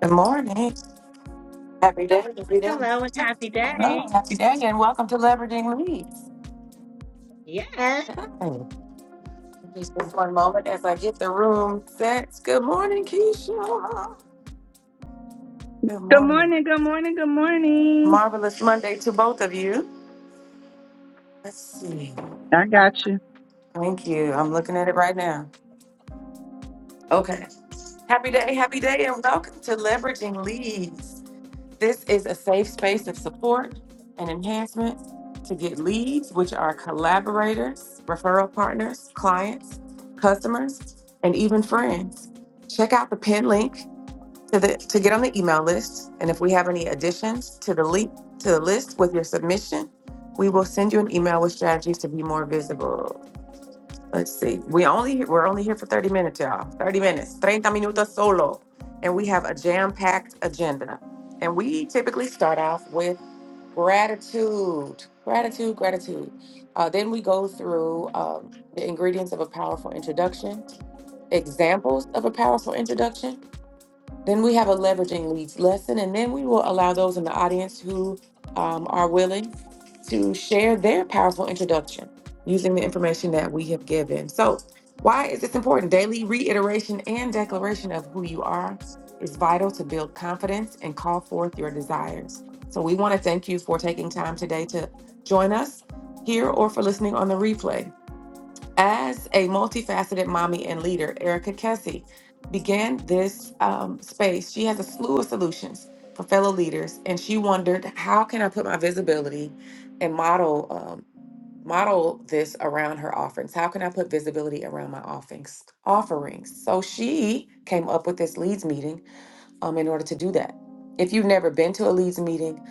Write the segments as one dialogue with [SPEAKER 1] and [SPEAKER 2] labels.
[SPEAKER 1] Good morning. Happy day, happy day.
[SPEAKER 2] Hello and happy
[SPEAKER 1] Hello,
[SPEAKER 2] day.
[SPEAKER 1] happy day, and welcome to Leveraging Leads.
[SPEAKER 2] Yes.
[SPEAKER 1] Hi. Just this one moment as I get the room set. Good morning, Keisha. Good
[SPEAKER 3] Good
[SPEAKER 1] morning.
[SPEAKER 3] morning, good morning, good morning.
[SPEAKER 1] Marvelous Monday to both of you. Let's see.
[SPEAKER 3] I got you.
[SPEAKER 1] Thank you. I'm looking at it right now. Okay. Happy day, happy day, and welcome to Leveraging Leads. This is a safe space of support and enhancement to get leads, which are collaborators, referral partners, clients, customers, and even friends. Check out the pinned link to the to get on the email list, and if we have any additions to the link to the list with your submission, we will send you an email with strategies to be more visible. Let's see. We only we're only here for 30 minutes, y'all. 30 minutes. 30 minutos solo. And we have a jam-packed agenda. And we typically start off with gratitude. Gratitude, gratitude. Uh, then we go through um, the ingredients of a powerful introduction, examples of a powerful introduction, then we have a leveraging leads lesson, and then we will allow those in the audience who um, are willing to share their powerful introduction using the information that we have given. So, why is this important? Daily reiteration and declaration of who you are is vital to build confidence and call forth your desires. So, we want to thank you for taking time today to join us here or for listening on the replay. As a multifaceted mommy and leader, Erica Kessie began this um, space. She has a slew of solutions for fellow leaders, and she wondered, how can I put my visibility and model um, model this around her offerings? How can I put visibility around my offerings? Offerings. So she came up with this leads meeting um, in order to do that. If you've never been to a leads meeting,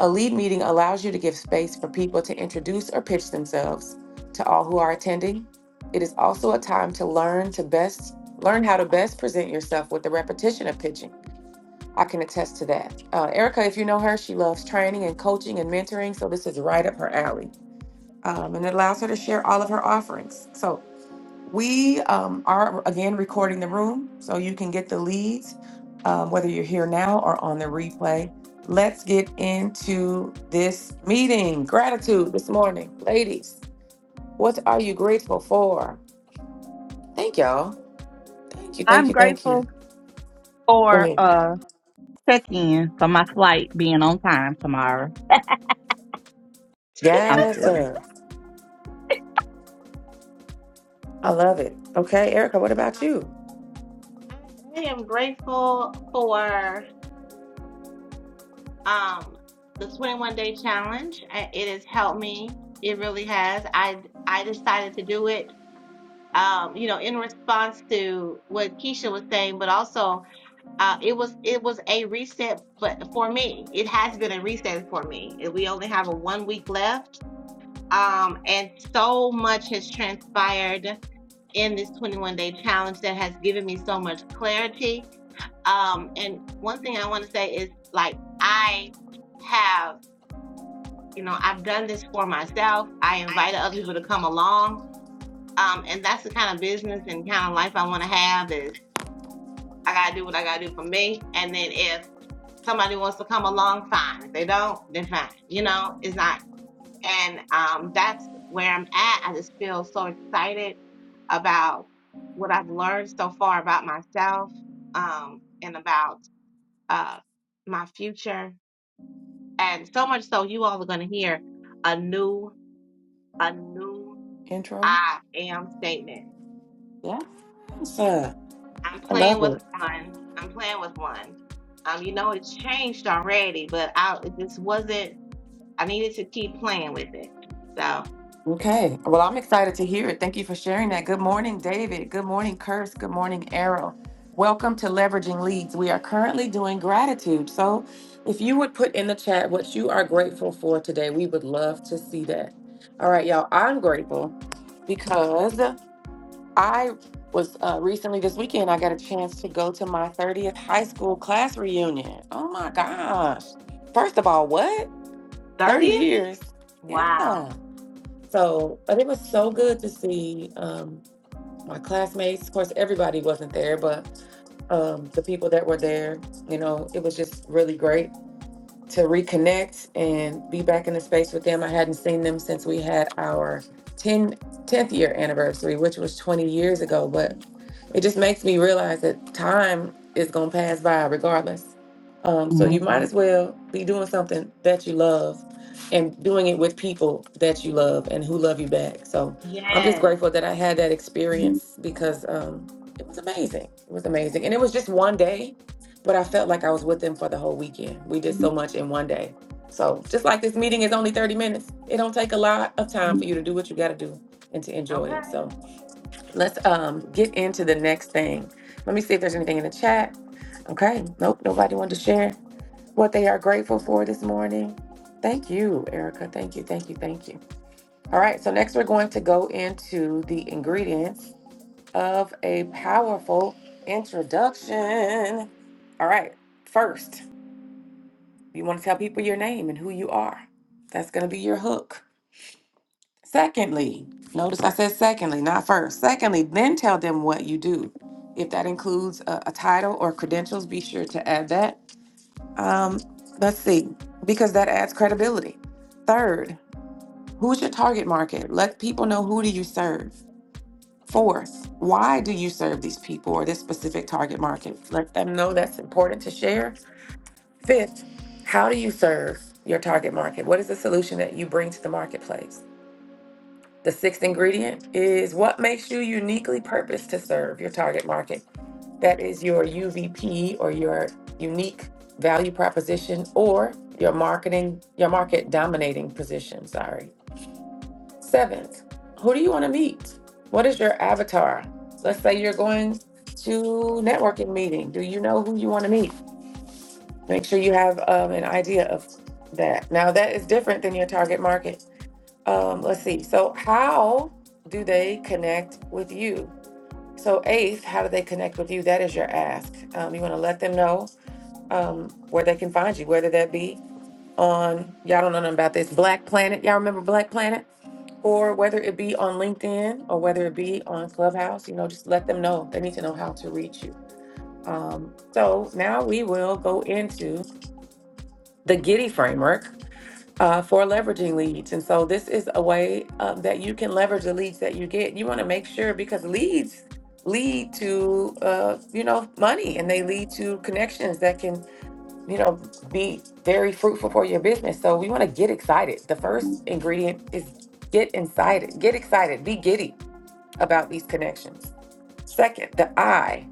[SPEAKER 1] a lead meeting allows you to give space for people to introduce or pitch themselves to all who are attending. It is also a time to learn to best learn how to best present yourself with the repetition of pitching. I can attest to that. Uh, Erica, if you know her, she loves training and coaching and mentoring, so this is right up her alley. Um, and it allows her to share all of her offerings. So we um, are again recording the room so you can get the leads, um, whether you're here now or on the replay. Let's get into this meeting. Gratitude this morning. Ladies, what are you grateful for? Thank y'all. Thank you, thank
[SPEAKER 3] I'm
[SPEAKER 1] you, thank you.
[SPEAKER 3] grateful
[SPEAKER 1] Go
[SPEAKER 3] for
[SPEAKER 1] ahead.
[SPEAKER 3] uh check in for my flight being on time tomorrow. I'm
[SPEAKER 1] Yes,
[SPEAKER 3] silly.
[SPEAKER 1] sir. I love it. Okay, Erica, what about
[SPEAKER 2] Um,
[SPEAKER 1] you?
[SPEAKER 2] I I am grateful for um the 21 day challenge. I- It has helped me. It really has. I I decided to do it um you know in response to what Keisha was saying, but also uh it was it was a reset but for me. It has been a reset for me. And We only have a one week left. Um and so much has transpired in this 21 day challenge that has given me so much clarity. Um, and one thing I want to say is like, I have, you know, I've done this for myself. I invited other people to come along. Um, and that's the kind of business and kind of life I want to have is I got to do what I got to do for me. And then if somebody wants to come along, fine. If they don't, then fine. You know, it's not. And um, that's where I'm at. I just feel so excited about what I've learned so far about myself um, and about uh, my future. And so much so, you all are going to hear a new, a new
[SPEAKER 1] Intro?
[SPEAKER 2] I am statement.
[SPEAKER 1] Yes, sir.
[SPEAKER 2] I'm
[SPEAKER 1] I
[SPEAKER 2] playing
[SPEAKER 1] love
[SPEAKER 2] with
[SPEAKER 1] it.
[SPEAKER 2] one. I'm playing with one. Um, you know, it's changed already, but I it just wasn't, I needed to keep playing with it. So,
[SPEAKER 1] Okay. Well, I'm excited to hear it. Thank you for sharing that. Good morning, David. Good morning, Curse. Good morning, Arrow. Welcome to Leveraging Leads. We are currently doing gratitude. So, if you would put in the chat what you are grateful for today, we would love to see that. All right, y'all. I'm grateful because I was uh, recently this weekend, I got a chance to go to my 30th high school class reunion. Oh my gosh. First of all, what? 30
[SPEAKER 2] 30th?
[SPEAKER 1] years.
[SPEAKER 2] Wow.
[SPEAKER 1] Yeah. So, but it was so good to see um, my classmates. Of course, everybody wasn't there, but um, the people that were there, you know, it was just really great to reconnect and be back in the space with them. I hadn't seen them since we had our 10 tenth year anniversary, which was 20 years ago. But it just makes me realize that time is going to pass by regardless. Um, so
[SPEAKER 3] hmm
[SPEAKER 1] you might as well be doing something that you love and doing it with people that you love and who love you back. So I'm just
[SPEAKER 2] Yes.
[SPEAKER 1] grateful that I had that experience because um, it was amazing. It was amazing. And it was just one day but I felt like I was with them for the whole weekend. We did so much in one day. So just like this meeting is only 30 minutes, it don't take a lot of time for you to do what you got to do and to enjoy
[SPEAKER 2] Okay.
[SPEAKER 1] it. So let's um, get into the next thing. Let me see if there's anything in the chat. Okay, nope, nobody wanted to share what they are grateful for this morning. Thank you, Erica. Thank you, thank you, thank you. All right, so next we're going to go into the ingredients of a powerful introduction. All right, first. You want to tell people your name and who you are. That's going to be your hook. Secondly, notice I said secondly, not first. Secondly, then tell them what you do. If that includes a, a title or credentials, be sure to add that. Um, let's see, because that adds credibility. Third, who's your target market? Let people know who do you serve. Fourth, why do you serve these people or this specific target market? Let them know that's important to share Fifth, how do you serve your target market? What is the solution that you bring to the marketplace? The sixth ingredient is what makes you uniquely purposed to serve your target market. That is your UVP or your unique value proposition or your marketing, your market dominating position. Sorry. Seventh, who do you want to meet? What is your avatar? Let's say you're going to networking meeting. Do you know who you want to meet? make sure you have um, an idea of that. Now, that is different than your target market. Um, let's see. So, how do they connect with you? So, eighth, how do they connect with you? That is your ask. Um, you want to let them know um, where they can find you, whether that be on, y'all don't know nothing about this, Black Planet. Y'all remember Black Planet? Or whether it be on LinkedIn or whether it be on Clubhouse, you know, just let them know. They need to know how to reach you. Um, so now we will go into the Giddy framework uh, for leveraging leads. And so this is a way um, that you can leverage the leads that you get. You want to make sure because leads lead to uh, you know money and they lead to connections that can you know be very fruitful for your business. So we want to get excited. The first ingredient is get excited. Get excited. Be giddy about these connections. Second, the I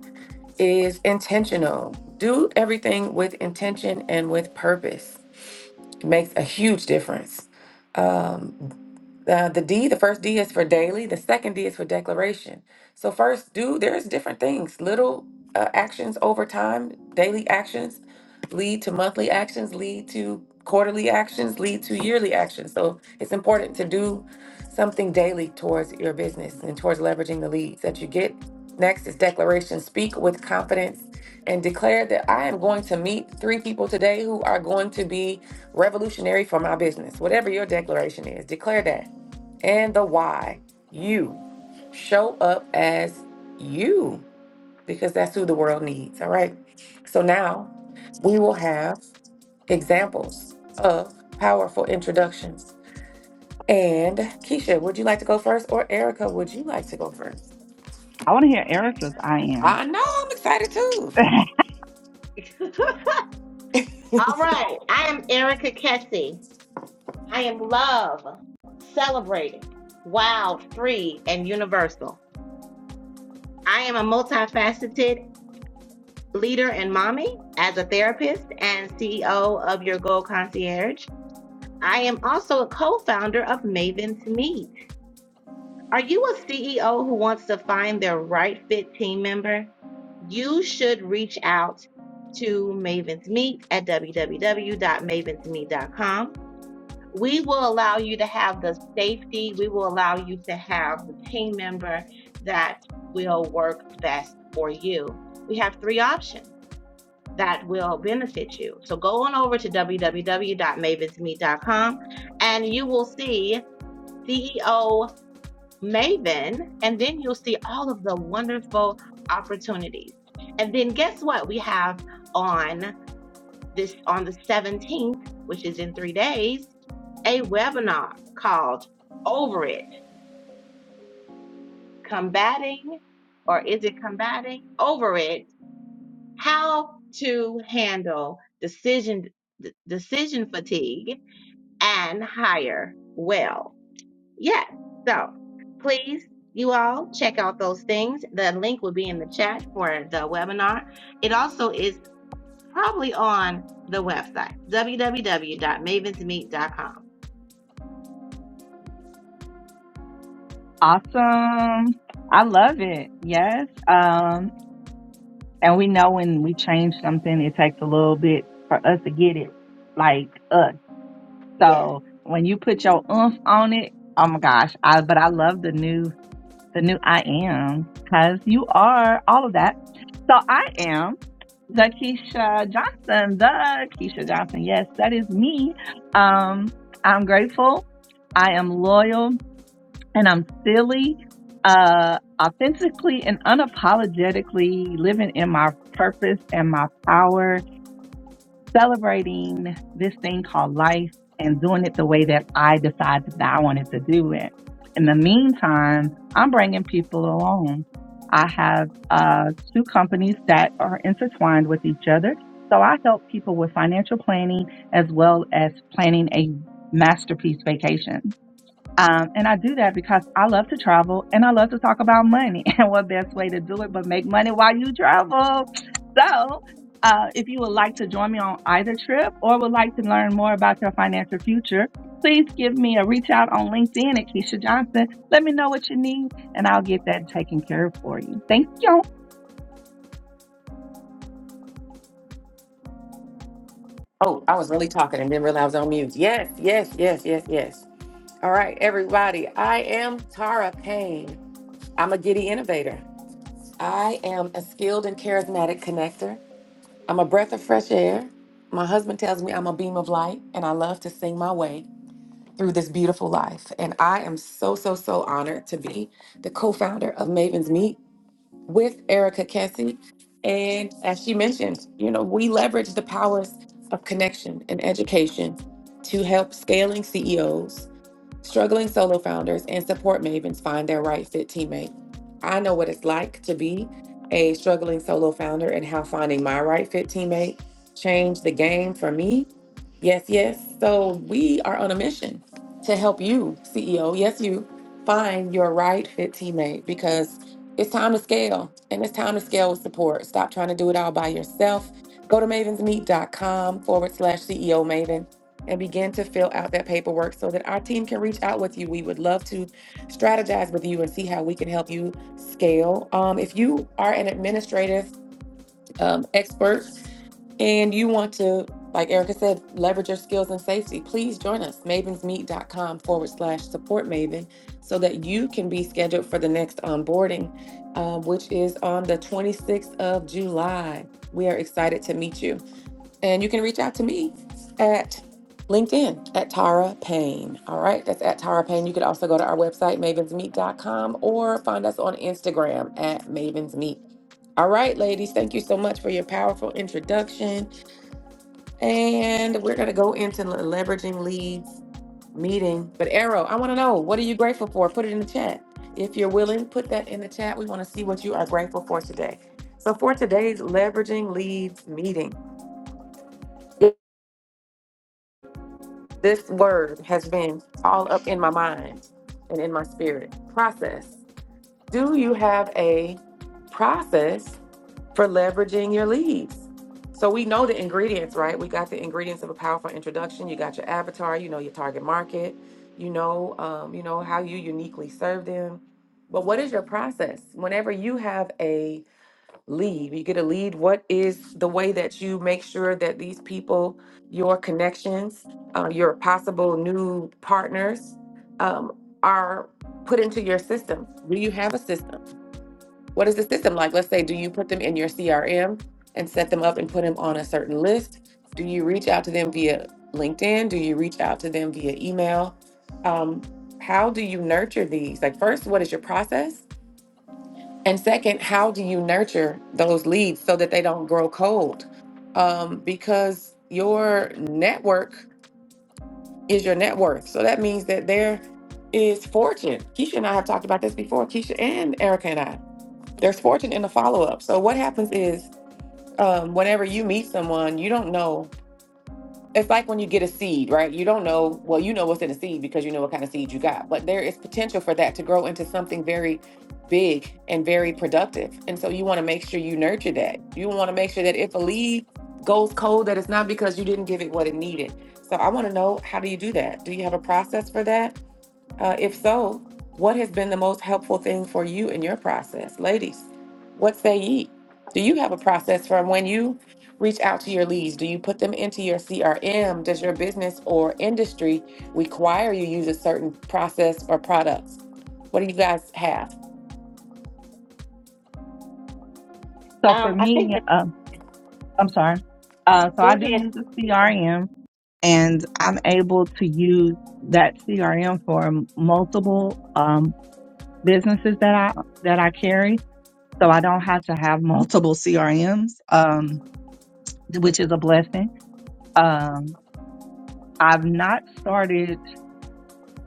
[SPEAKER 1] is intentional. Do everything with intention and with purpose. It makes a huge difference. Uh, the D, the first D is for daily, the second D is for declaration. So, first, do there's different things. Little uh, actions over time, daily actions lead to monthly actions, lead to quarterly actions, lead to yearly actions. So, it's important to do something daily towards your business and towards leveraging the leads that you get. Next is declaration speak with confidence and declare that I am going to meet three people today who are going to be revolutionary for my business. Whatever your declaration is, declare that and the why. You show up as you because that's who the world needs. All right. So now we will have examples of powerful introductions. And Keisha, would you like to go first? Or Erica, would you like to go first?
[SPEAKER 3] I want to hear Erica's I am.
[SPEAKER 1] I know I'm excited too.
[SPEAKER 2] All right. I am Erica Kessie. I am love, celebrated, wild, free, and universal. I am a multifaceted leader and mommy as a therapist and CEO of Your Goal Concierge. I am also a co founder of Maven's Meet. Are you a CEO who wants to find their right fit team member? You should reach out to Maven's Meet at www.mavensmeet.com we will allow you to have the safety. We will allow you to have the team member that will work best for you. We have three options that will benefit you. So go on over to www.mavensmeet.com and you will see CEO Maven, and then you'll see all of the wonderful opportunities. And then guess what? We have on this on the 17th, which is in three days a webinar called Over It Combating, or is it combating? Over It How to Handle Decision d- Decision Fatigue and Hire Well. Yes. So please, you all, check out those things. The link will be in the chat for the webinar. It also is probably on the website w w w dot mavens meet dot com.
[SPEAKER 3] awesome. I love it. Yes. Um and we know when we change something it takes a little bit for us to get it like us.
[SPEAKER 2] Yes.
[SPEAKER 3] So when you put your oomph on it, oh my gosh, I but I love the new the new I am, because you are all of that. So I am the Keisha Johnson, the Keisha Johnson. Yes, that is me. Um, I'm grateful. I am loyal and I'm silly, uh, authentically and unapologetically living in my purpose and my power celebrating this thing called life and doing it the way that I decided that I wanted to do it. In the meantime, I'm bringing people along. I have uh, two companies that are intertwined with each other. So I help people with financial planning as well as planning a masterpiece vacation. Um, and I do that because I love to travel and I love to talk about money and what best way to do it but make money while you travel. So, uh, if you would like to join me on either trip or would like to learn more about your financial future, please give me a reach out on LinkedIn at Keisha Johnson. Let me know what you need and I'll get that taken care of for you. Thank you.
[SPEAKER 1] Oh, I was really talking and didn't realize I was on mute. Yes, yes, yes, yes, yes. All right, everybody. I am Tara Payne. I'm a giddy innovator. I am a skilled and charismatic connector. I'm a breath of fresh air. My husband tells me I'm a beam of light, and I love to sing my way through this beautiful life. And I am so, so, so honored to be the co founder of Maven's Meet with Erica Kessie. And as she mentioned, you know, we leverage the powers of connection and education to help scaling CEOs Struggling solo founders and support mavens find their right fit teammate. I know what it's like to be a struggling solo founder and how finding my right fit teammate changed the game for me. Yes, yes. So we are on a mission to help you, CEO, yes, you, find your right fit teammate because it's time to scale and it's time to scale with support. Stop trying to do it all by yourself. Go to mavensmeet dot com forward slash CEO Maven and begin to fill out that paperwork so that our team can reach out with you. We would love to strategize with you and see how we can help you scale. Um, if you are an administrative um, expert and you want to, like Erica said, leverage your skills in safety, please join us, mavensmeet.com forward slash support maven, so that you can be scheduled for the next onboarding, um, which is on the 26th of July. We are excited to meet you. And you can reach out to me at LinkedIn at Tara Payne. All right, that's at Tara Payne. You could also go to our website, mavensmeet.com, or find us on Instagram at mavensmeet. All right, ladies, thank you so much for your powerful introduction. And we're going to go into the leveraging leads meeting. But, Arrow, I want to know what are you grateful for? Put it in the chat. If you're willing, put that in the chat. We want to see what you are grateful for today. So, for today's leveraging leads meeting, This word has been all up in my mind and in my spirit. Process. Do you have a process for leveraging your leads? So we know the ingredients, right? We got the ingredients of a powerful introduction. You got your avatar, you know your target market, you know, um, you know how you uniquely serve them. But what is your process? Whenever you have a lead. You get to lead. What is the way that you make sure that these people, your connections, uh, your possible new partners, um, are put into your system? Do you have a system? What is the system like? Let's say, do you put them in your CRM and set them up and put them on a certain list? Do you reach out to them via LinkedIn? Do you reach out to them via email? Um, how do you nurture these? Like, first, what is your process? And second, how do you nurture those leads so that they don't grow cold? Um, because your network is your net worth. So that means that there is fortune. Keisha and I have talked about this before, Keisha and Erica and I. There's fortune in the follow up. So what happens is um, whenever you meet someone, you don't know it's like when you get a seed, right? You don't know, well, you know what's in a seed because you know what kind of seed you got, but there is potential for that to grow into something very big and very productive. And so you want to make sure you nurture that. You want to make sure that if a leaf goes cold, that it's not because you didn't give it what it needed. So I want to know how do you do that? Do you have a process for that? Uh, if so, what has been the most helpful thing for you in your process? Ladies, what say ye? Do you have a process for when you reach out to your leads? Do you put them into your CRM? Does your business or industry require you use a certain process or products? What do you guys have?
[SPEAKER 3] So, for
[SPEAKER 2] Um, I think
[SPEAKER 3] me,
[SPEAKER 2] that's
[SPEAKER 3] um, I'm sorry. Uh, so,
[SPEAKER 2] go
[SPEAKER 3] I do
[SPEAKER 2] ahead.
[SPEAKER 3] use a
[SPEAKER 2] Keisha.
[SPEAKER 3] CRM and I'm able to use that CRM for multiple. Um, businesses that I that I carry, so I don't have to have multiple CRMs, um, which is a blessing. Um, I've not started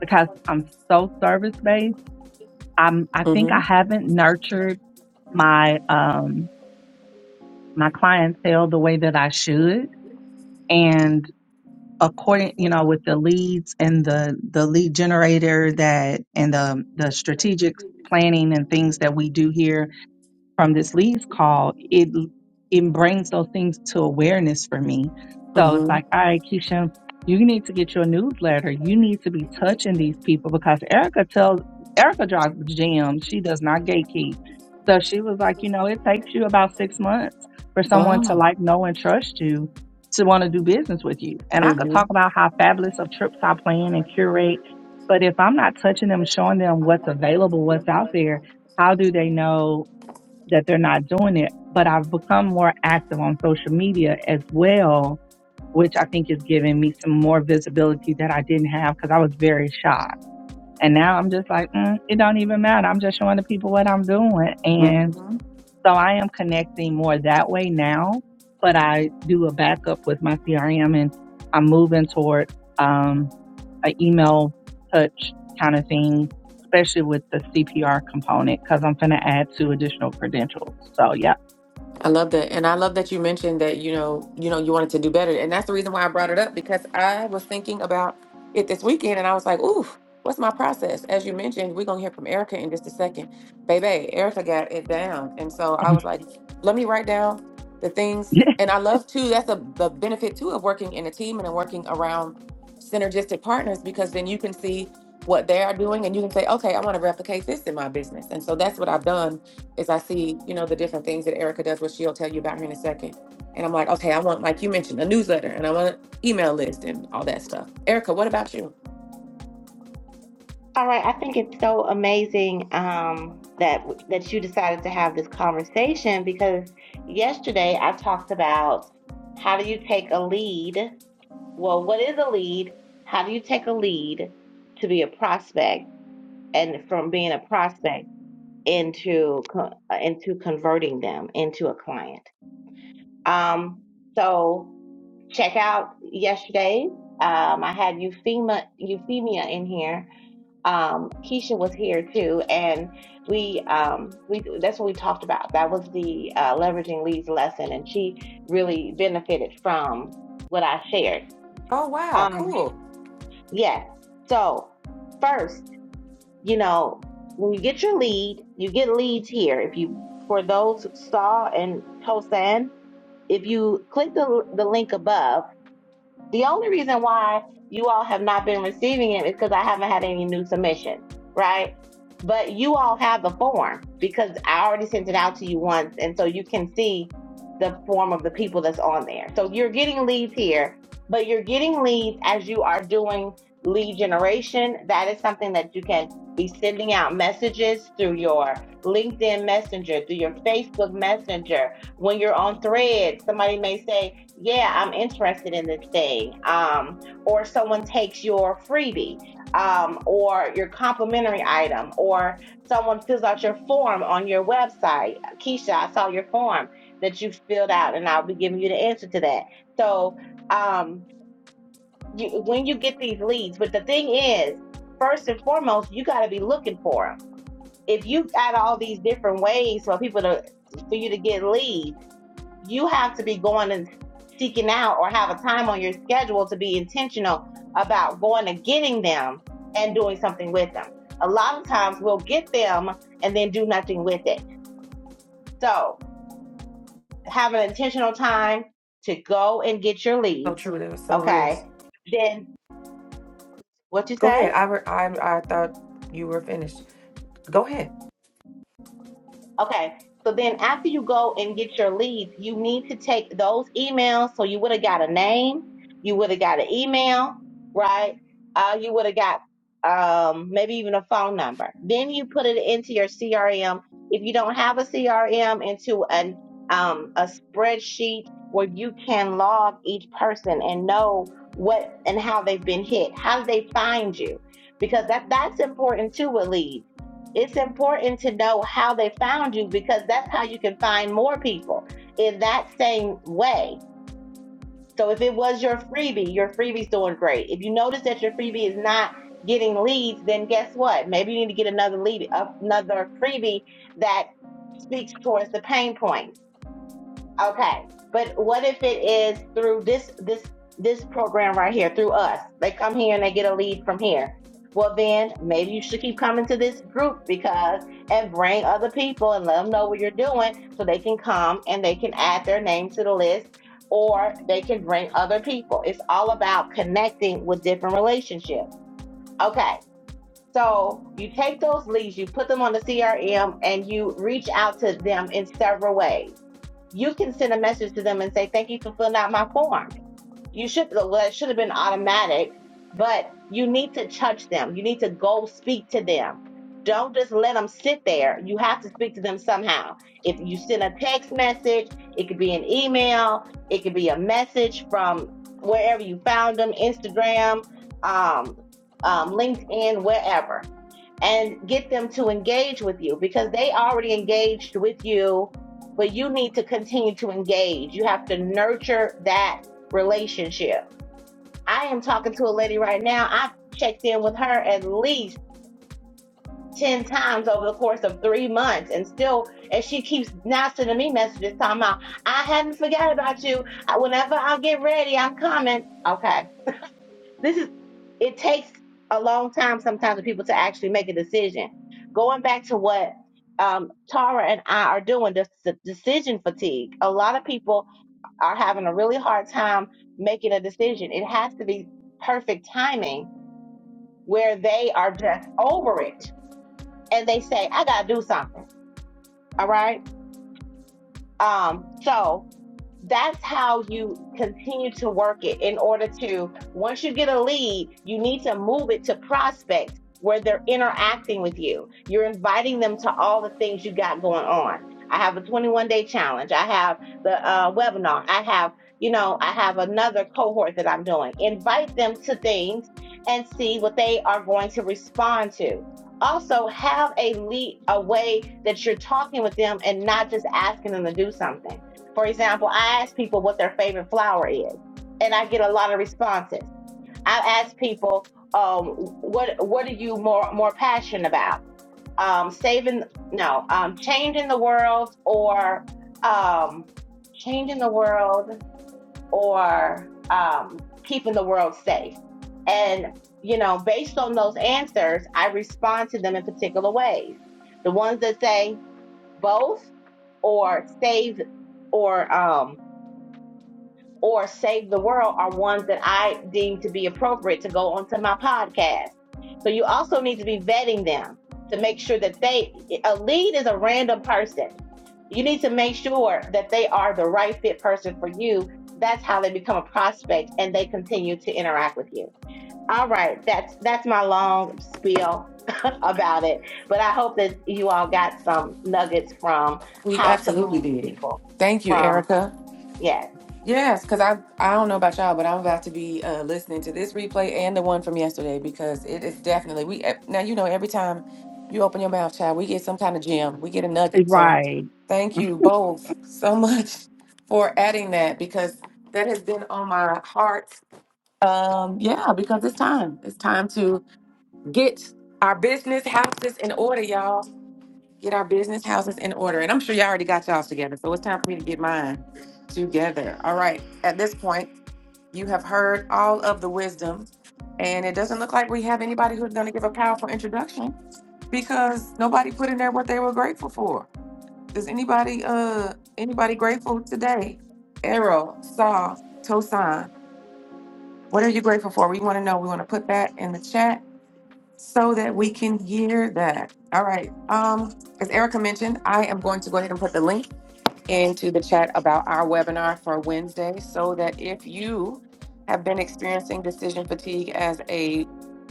[SPEAKER 3] because I'm so service based. I'm I think I
[SPEAKER 1] Mm-hmm.
[SPEAKER 3] haven't nurtured my um, my clientele the way that I should, and according you know with the leads and the the lead generator that and the the strategic planning and things that we do here from this leads call, it it brings those things to awareness for me. So it's
[SPEAKER 1] Mm-hmm.
[SPEAKER 3] like, all right, Keisha, you need to get your newsletter. You need to be touching these people because Erica tells Erica drops gems. She does not gatekeep. So she was like, you know, it takes you about six months for someone to
[SPEAKER 1] Ah.
[SPEAKER 3] like know and trust you to want to do business with you. And I could
[SPEAKER 1] Mm-hmm.
[SPEAKER 3] talk about how fabulous of trips I plan and curate, but if I'm not touching them, showing them what's available, what's out there, how do they know that they're not doing it. But I've become more active on social media as well, which I think is giving me some more visibility that I didn't have because I was very shy. And now I'm just like, mm, it don't even matter. I'm just showing the people what I'm doing. And
[SPEAKER 1] Mm-hmm.
[SPEAKER 3] so I am connecting more that way now, but I do a backup with my CRM and I'm moving toward, um, a email touch kind of thing, especially with the CPR component, because I'm going to add two additional credentials. So, yeah.
[SPEAKER 1] I love that. And I love that you mentioned that, you know, you know, you wanted to do better. And that's the reason why I brought it up because I was thinking about it this weekend and I was like, ooh, what's my process? As you mentioned, we're gonna hear from Erica in just a second. Baby, Erica got it down. And so I was like, let me write down the things and I love too, that's a the benefit too of working in a team and then working around synergistic partners because then you can see what they are doing and you can say, okay, I want to replicate this in my business. And so that's what I've done is I see, you know, the different things that Erica does, which she'll tell you about here in a second. And I'm like, okay, I want, like you mentioned, a newsletter and I want an email list and all that stuff. Erica, what about you?
[SPEAKER 2] All right, I think it's so amazing um, that that you decided to have this conversation because yesterday I talked about how do you take a lead? Well, what is a lead? How do you take a lead to be a prospect and from being a prospect into co- uh, into converting them into a client? Um, so check out yesterday. Um, I had Euphemia Euphemia in here um, Keisha was here too, and we um, we that's what we talked about. That was the uh, leveraging leads lesson, and she really benefited from what I shared.
[SPEAKER 1] Oh wow,
[SPEAKER 2] Um,
[SPEAKER 1] cool.
[SPEAKER 2] yes. So first, you know, when you get your lead, you get leads here. If you for those saw and Tosan, if you click the the link above the only reason why you all have not been receiving it is because I haven't had any new submissions, right? But you all have the form because I already sent it out to you once, and so you can see the form of the people that's on there. So you're getting leads here, but you're getting leads as you are doing lead generation. That is something that you can be sending out messages through your LinkedIn Messenger, through your Facebook Messenger. When you're on Threads, somebody may say, yeah, I'm interested in this thing. Um, or someone takes your freebie, um, or your complimentary item, or someone fills out your form on your website. Keisha, I saw your form that you filled out, and I'll be giving you the answer to that. So, um, you, when you get these leads, but the thing is, first and foremost, you got to be looking for them. If you got all these different ways for people to for you to get leads you have to be going and seeking out or have a time on your schedule to be intentional about going and getting them and doing something with them. A lot of times we'll get them and then do nothing with it. So have an intentional time to go and get your
[SPEAKER 1] So
[SPEAKER 2] leads.
[SPEAKER 1] true. That was so rich.
[SPEAKER 2] Okay. Then what you
[SPEAKER 1] Go
[SPEAKER 2] say?
[SPEAKER 1] ahead. I re- I I thought you were finished. Go ahead.
[SPEAKER 2] Okay. So then after you go and get your leads, you need to take those emails. So you would have got a name, you would have got an email, right? Uh, you would have got um, maybe even a phone number. Then you put it into your CRM. If you don't have a CRM, into an um, a spreadsheet where you can log each person and know what and how they've been hit. How did they find you? Because that that's important too with leads it's important to know how they found you because that's how you can find more people in that same way. So if it was your freebie, your freebie's doing great. If you notice that your freebie is not getting leads, then guess what? Maybe you need to get another lead, another freebie that speaks towards the pain point Okay. But what if it is through this this this program right here, through us? They come here and they get a lead from here. Well then maybe you should keep coming to this group because and bring other people and let them know what you're doing so they can come and they can add their name to the list or they can bring other people. It's all about connecting with different relationships. Okay. So you take those leads, you put them on the CRM and you reach out to them in several ways you can send a message to them and say, thank you for filling out my form. You should, well, that should have been automatic, but you need to touch them. You need to go speak to them. Don't just let them sit there. You have to speak to them somehow. If you send a text message, it could be an email, it could be a message from wherever you found them, Instagram, um, um, LinkedIn, wherever and get them to engage with you because they already engaged with you, but you need to continue to engage. You have to nurture that relationship. I am talking to a lady right now. I've checked in with her at least 10 times over the course of three months and still, and she keeps now sending me messages talking about, I hadn't forgot about you. Whenever I get ready, I'm coming. Okay this is it takes a long time sometimes for people to actually make a decision. Going back to what um, Tara and I are doing, the, the decision fatigue. A lot of people are having a really hard time making a decision. It has to be perfect timing where they are just over it and they say, "I gotta do something." All right. Um, so that's how you continue to work it in order to once you get a lead you need to move it to prospect where they're interacting with you you're inviting them to all the things you got going on i have a 21 day challenge i have the uh, webinar i have you know i have another cohort that i'm doing invite them to things and see what they are going to respond to also have a lead a way that you're talking with them and not just asking them to do something for example, I ask people what their favorite flower is, and I get a lot of responses. I ask people, um, what what are you more more passionate about? Um, saving no, um, changing the world or um, changing the world or um, keeping the world safe. And you know, based on those answers, I respond to them in particular ways. The ones that say both or save or um or Save the World are ones that I deem to be appropriate to go onto my podcast. So you also need to be vetting them to make sure that they, a lead is a random person. You need to make sure that they are the right fit person for you. That's how they become a prospect and they continue to interact with you. All right. That's, that's my long spiel about it, but I hope that you all got some nuggets from
[SPEAKER 1] We
[SPEAKER 2] how to
[SPEAKER 1] absolutely
[SPEAKER 2] move
[SPEAKER 1] did.
[SPEAKER 2] people
[SPEAKER 1] Thank you,
[SPEAKER 2] from,
[SPEAKER 1] Erica.
[SPEAKER 2] yes.
[SPEAKER 1] Yes, because I I don't know about y'all, but I'm about to be uh, listening to this replay and the one from yesterday because it is definitely we eh, now you know every time you open your mouth, child, we get some kind of gem, we get a nugget. So
[SPEAKER 3] right.
[SPEAKER 1] thank you both so much for adding that because that has been on my heart. Um, yeah, because it's time. It's time to get our business houses in order, y'all get our business houses in order. And I'm sure y'all already got y'all's together. So it's time for me to get mine together. All right. At this point, you have heard all of the wisdom. And it doesn't look like we have anybody who's going to give a powerful introduction because nobody put in there what they were grateful for. Is anybody uh anybody grateful today? Arrow, Saw, Tosan, what are you grateful for? We want to know. We want to put that in the chat so that we can hear that. All right. Um, as Erica mentioned, I am going to go ahead and put the link into the chat about our webinar for Wednesday so that if you have been experiencing decision fatigue as a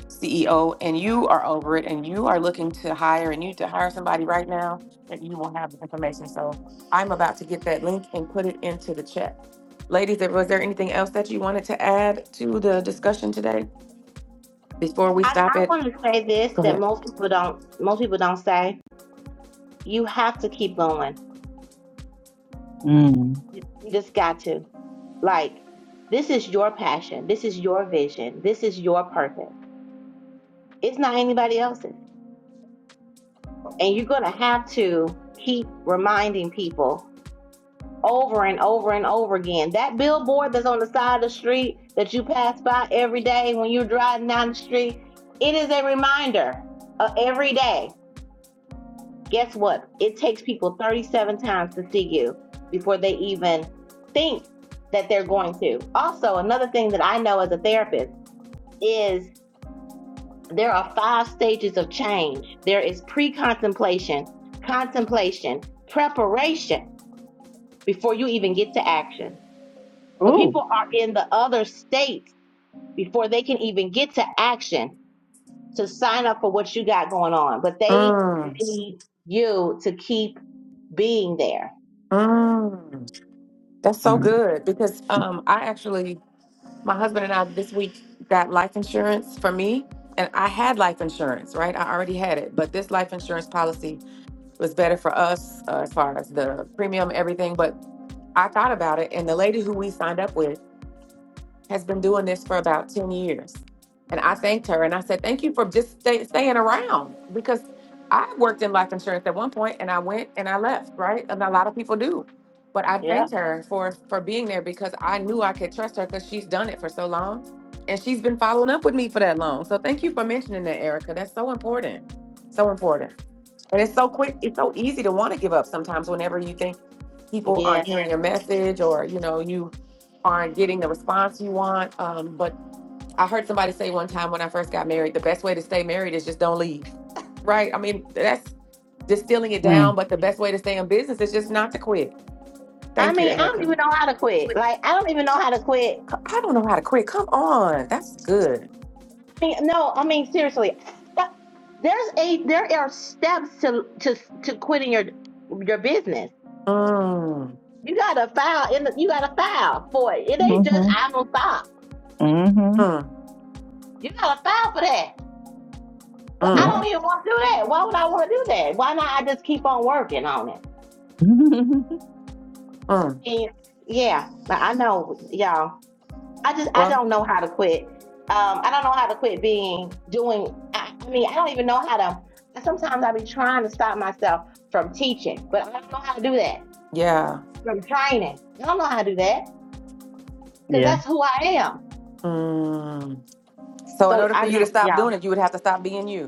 [SPEAKER 1] CEO and you are over it and you are looking to hire and you need to hire somebody right now, that you will have the information. So I'm about to get that link and put it into the chat. Ladies, was there anything else that you wanted to add to the discussion today before we
[SPEAKER 2] I,
[SPEAKER 1] stop
[SPEAKER 2] I
[SPEAKER 1] it?
[SPEAKER 2] want to say this
[SPEAKER 1] Go ahead.
[SPEAKER 2] that most people don't most people don't say. You have to keep going.
[SPEAKER 3] Mm.
[SPEAKER 2] You just got to. Like this is your passion. This is your vision. This is your purpose. It's not anybody else's. And you're gonna have to keep reminding people over and over and over again. That billboard that's on the side of the street that you pass by every day when you're driving down the street, it is a reminder uh, every day guess what? It takes people 37 times to see you before they even think that they're going to. Also, another thing that I know as a therapist is there are five stages of change there is pre contemplation, contemplation, preparation before you even get to action. So
[SPEAKER 3] Oh.
[SPEAKER 2] people are in the other states before they can even get to action to sign up for what you got going on, but they
[SPEAKER 1] Mm,
[SPEAKER 2] need you to keep being there.
[SPEAKER 1] mm. That's so
[SPEAKER 3] Mm.
[SPEAKER 1] good because um, I actually, my husband and I this week got life insurance for me, and I had life insurance, right? I already had it, but this life insurance policy was better for us uh, as far as the premium, everything. But I thought about it, and the lady who we signed up with. has been doing this for about 10 years. And I thanked her and I said, Thank you for just stay, staying around because I worked in life insurance at one point and I went and I left, right? And a lot of people do. But I
[SPEAKER 2] Yeah.
[SPEAKER 1] thanked her for, for being there because I knew I could trust her because she's done it for so long and she's been following up with me for that long. So thank you for mentioning that, Erica. That's so important. So important. And it's so quick, it's so easy to want to give up sometimes whenever you think people
[SPEAKER 2] Yeah.
[SPEAKER 1] aren't hearing your message or you know you aren't getting the response you want um, but i heard somebody say one time when i first got married the best way to stay married is just don't leave right i mean that's distilling it down
[SPEAKER 3] Mm.
[SPEAKER 1] but the best way to stay in business is just not to quit
[SPEAKER 2] I
[SPEAKER 1] thank you
[SPEAKER 2] mean, I don't
[SPEAKER 1] erica
[SPEAKER 2] even know how to quit. Like, I don't even know how to quit.
[SPEAKER 1] C- i don't know how to quit come on that's good
[SPEAKER 2] I mean, no, I mean, seriously. Uh, There's a there are steps to to to quitting your your business.
[SPEAKER 1] mm,
[SPEAKER 2] You gotta file in the, you gotta file for it. It ain't just
[SPEAKER 3] Mm-hmm.
[SPEAKER 2] I'm gonna stop.
[SPEAKER 3] Mm-hmm.
[SPEAKER 1] mm,
[SPEAKER 2] You gotta file for that. But I
[SPEAKER 1] mm,
[SPEAKER 3] Yep.
[SPEAKER 2] don't even want to do that. Why would I want to do that? Why not? I just keep on working on it.
[SPEAKER 1] mm.
[SPEAKER 2] And yeah, I I know, y'all. I just I
[SPEAKER 1] well
[SPEAKER 2] don't know how to quit. Um, I don't know how to quit being doing. I, I mean, I don't even know how to. Sometimes I be trying to stop myself from teaching, but I don't know how to do that.
[SPEAKER 1] yeah
[SPEAKER 2] From training, I don't know how to do that because
[SPEAKER 3] yeah.
[SPEAKER 2] that's who I am.
[SPEAKER 1] mm. so in
[SPEAKER 2] So
[SPEAKER 1] order for
[SPEAKER 2] I
[SPEAKER 1] you to
[SPEAKER 2] don't,
[SPEAKER 1] stop
[SPEAKER 2] y'all.
[SPEAKER 1] doing it you would have to stop being you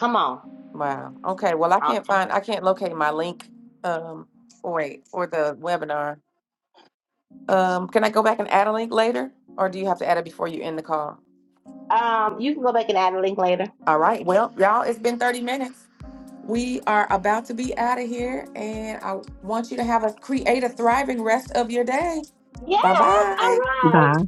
[SPEAKER 2] Come on.
[SPEAKER 1] Wow. Okay. Well, I
[SPEAKER 2] Uh,
[SPEAKER 1] can't find, I can't locate my link. Um, oh, wait, for the webinar. Um, can I go back and add a link later, or do you have to add it before you end the call?
[SPEAKER 2] Um, you can go back and add a link later.
[SPEAKER 1] All right. Well, y'all, it's been thirty minutes. We are about to be out of here, and I want you to have a create a thriving rest of your day.
[SPEAKER 2] Yes.
[SPEAKER 1] Bye
[SPEAKER 2] All
[SPEAKER 1] bye.
[SPEAKER 2] right.
[SPEAKER 3] Bye.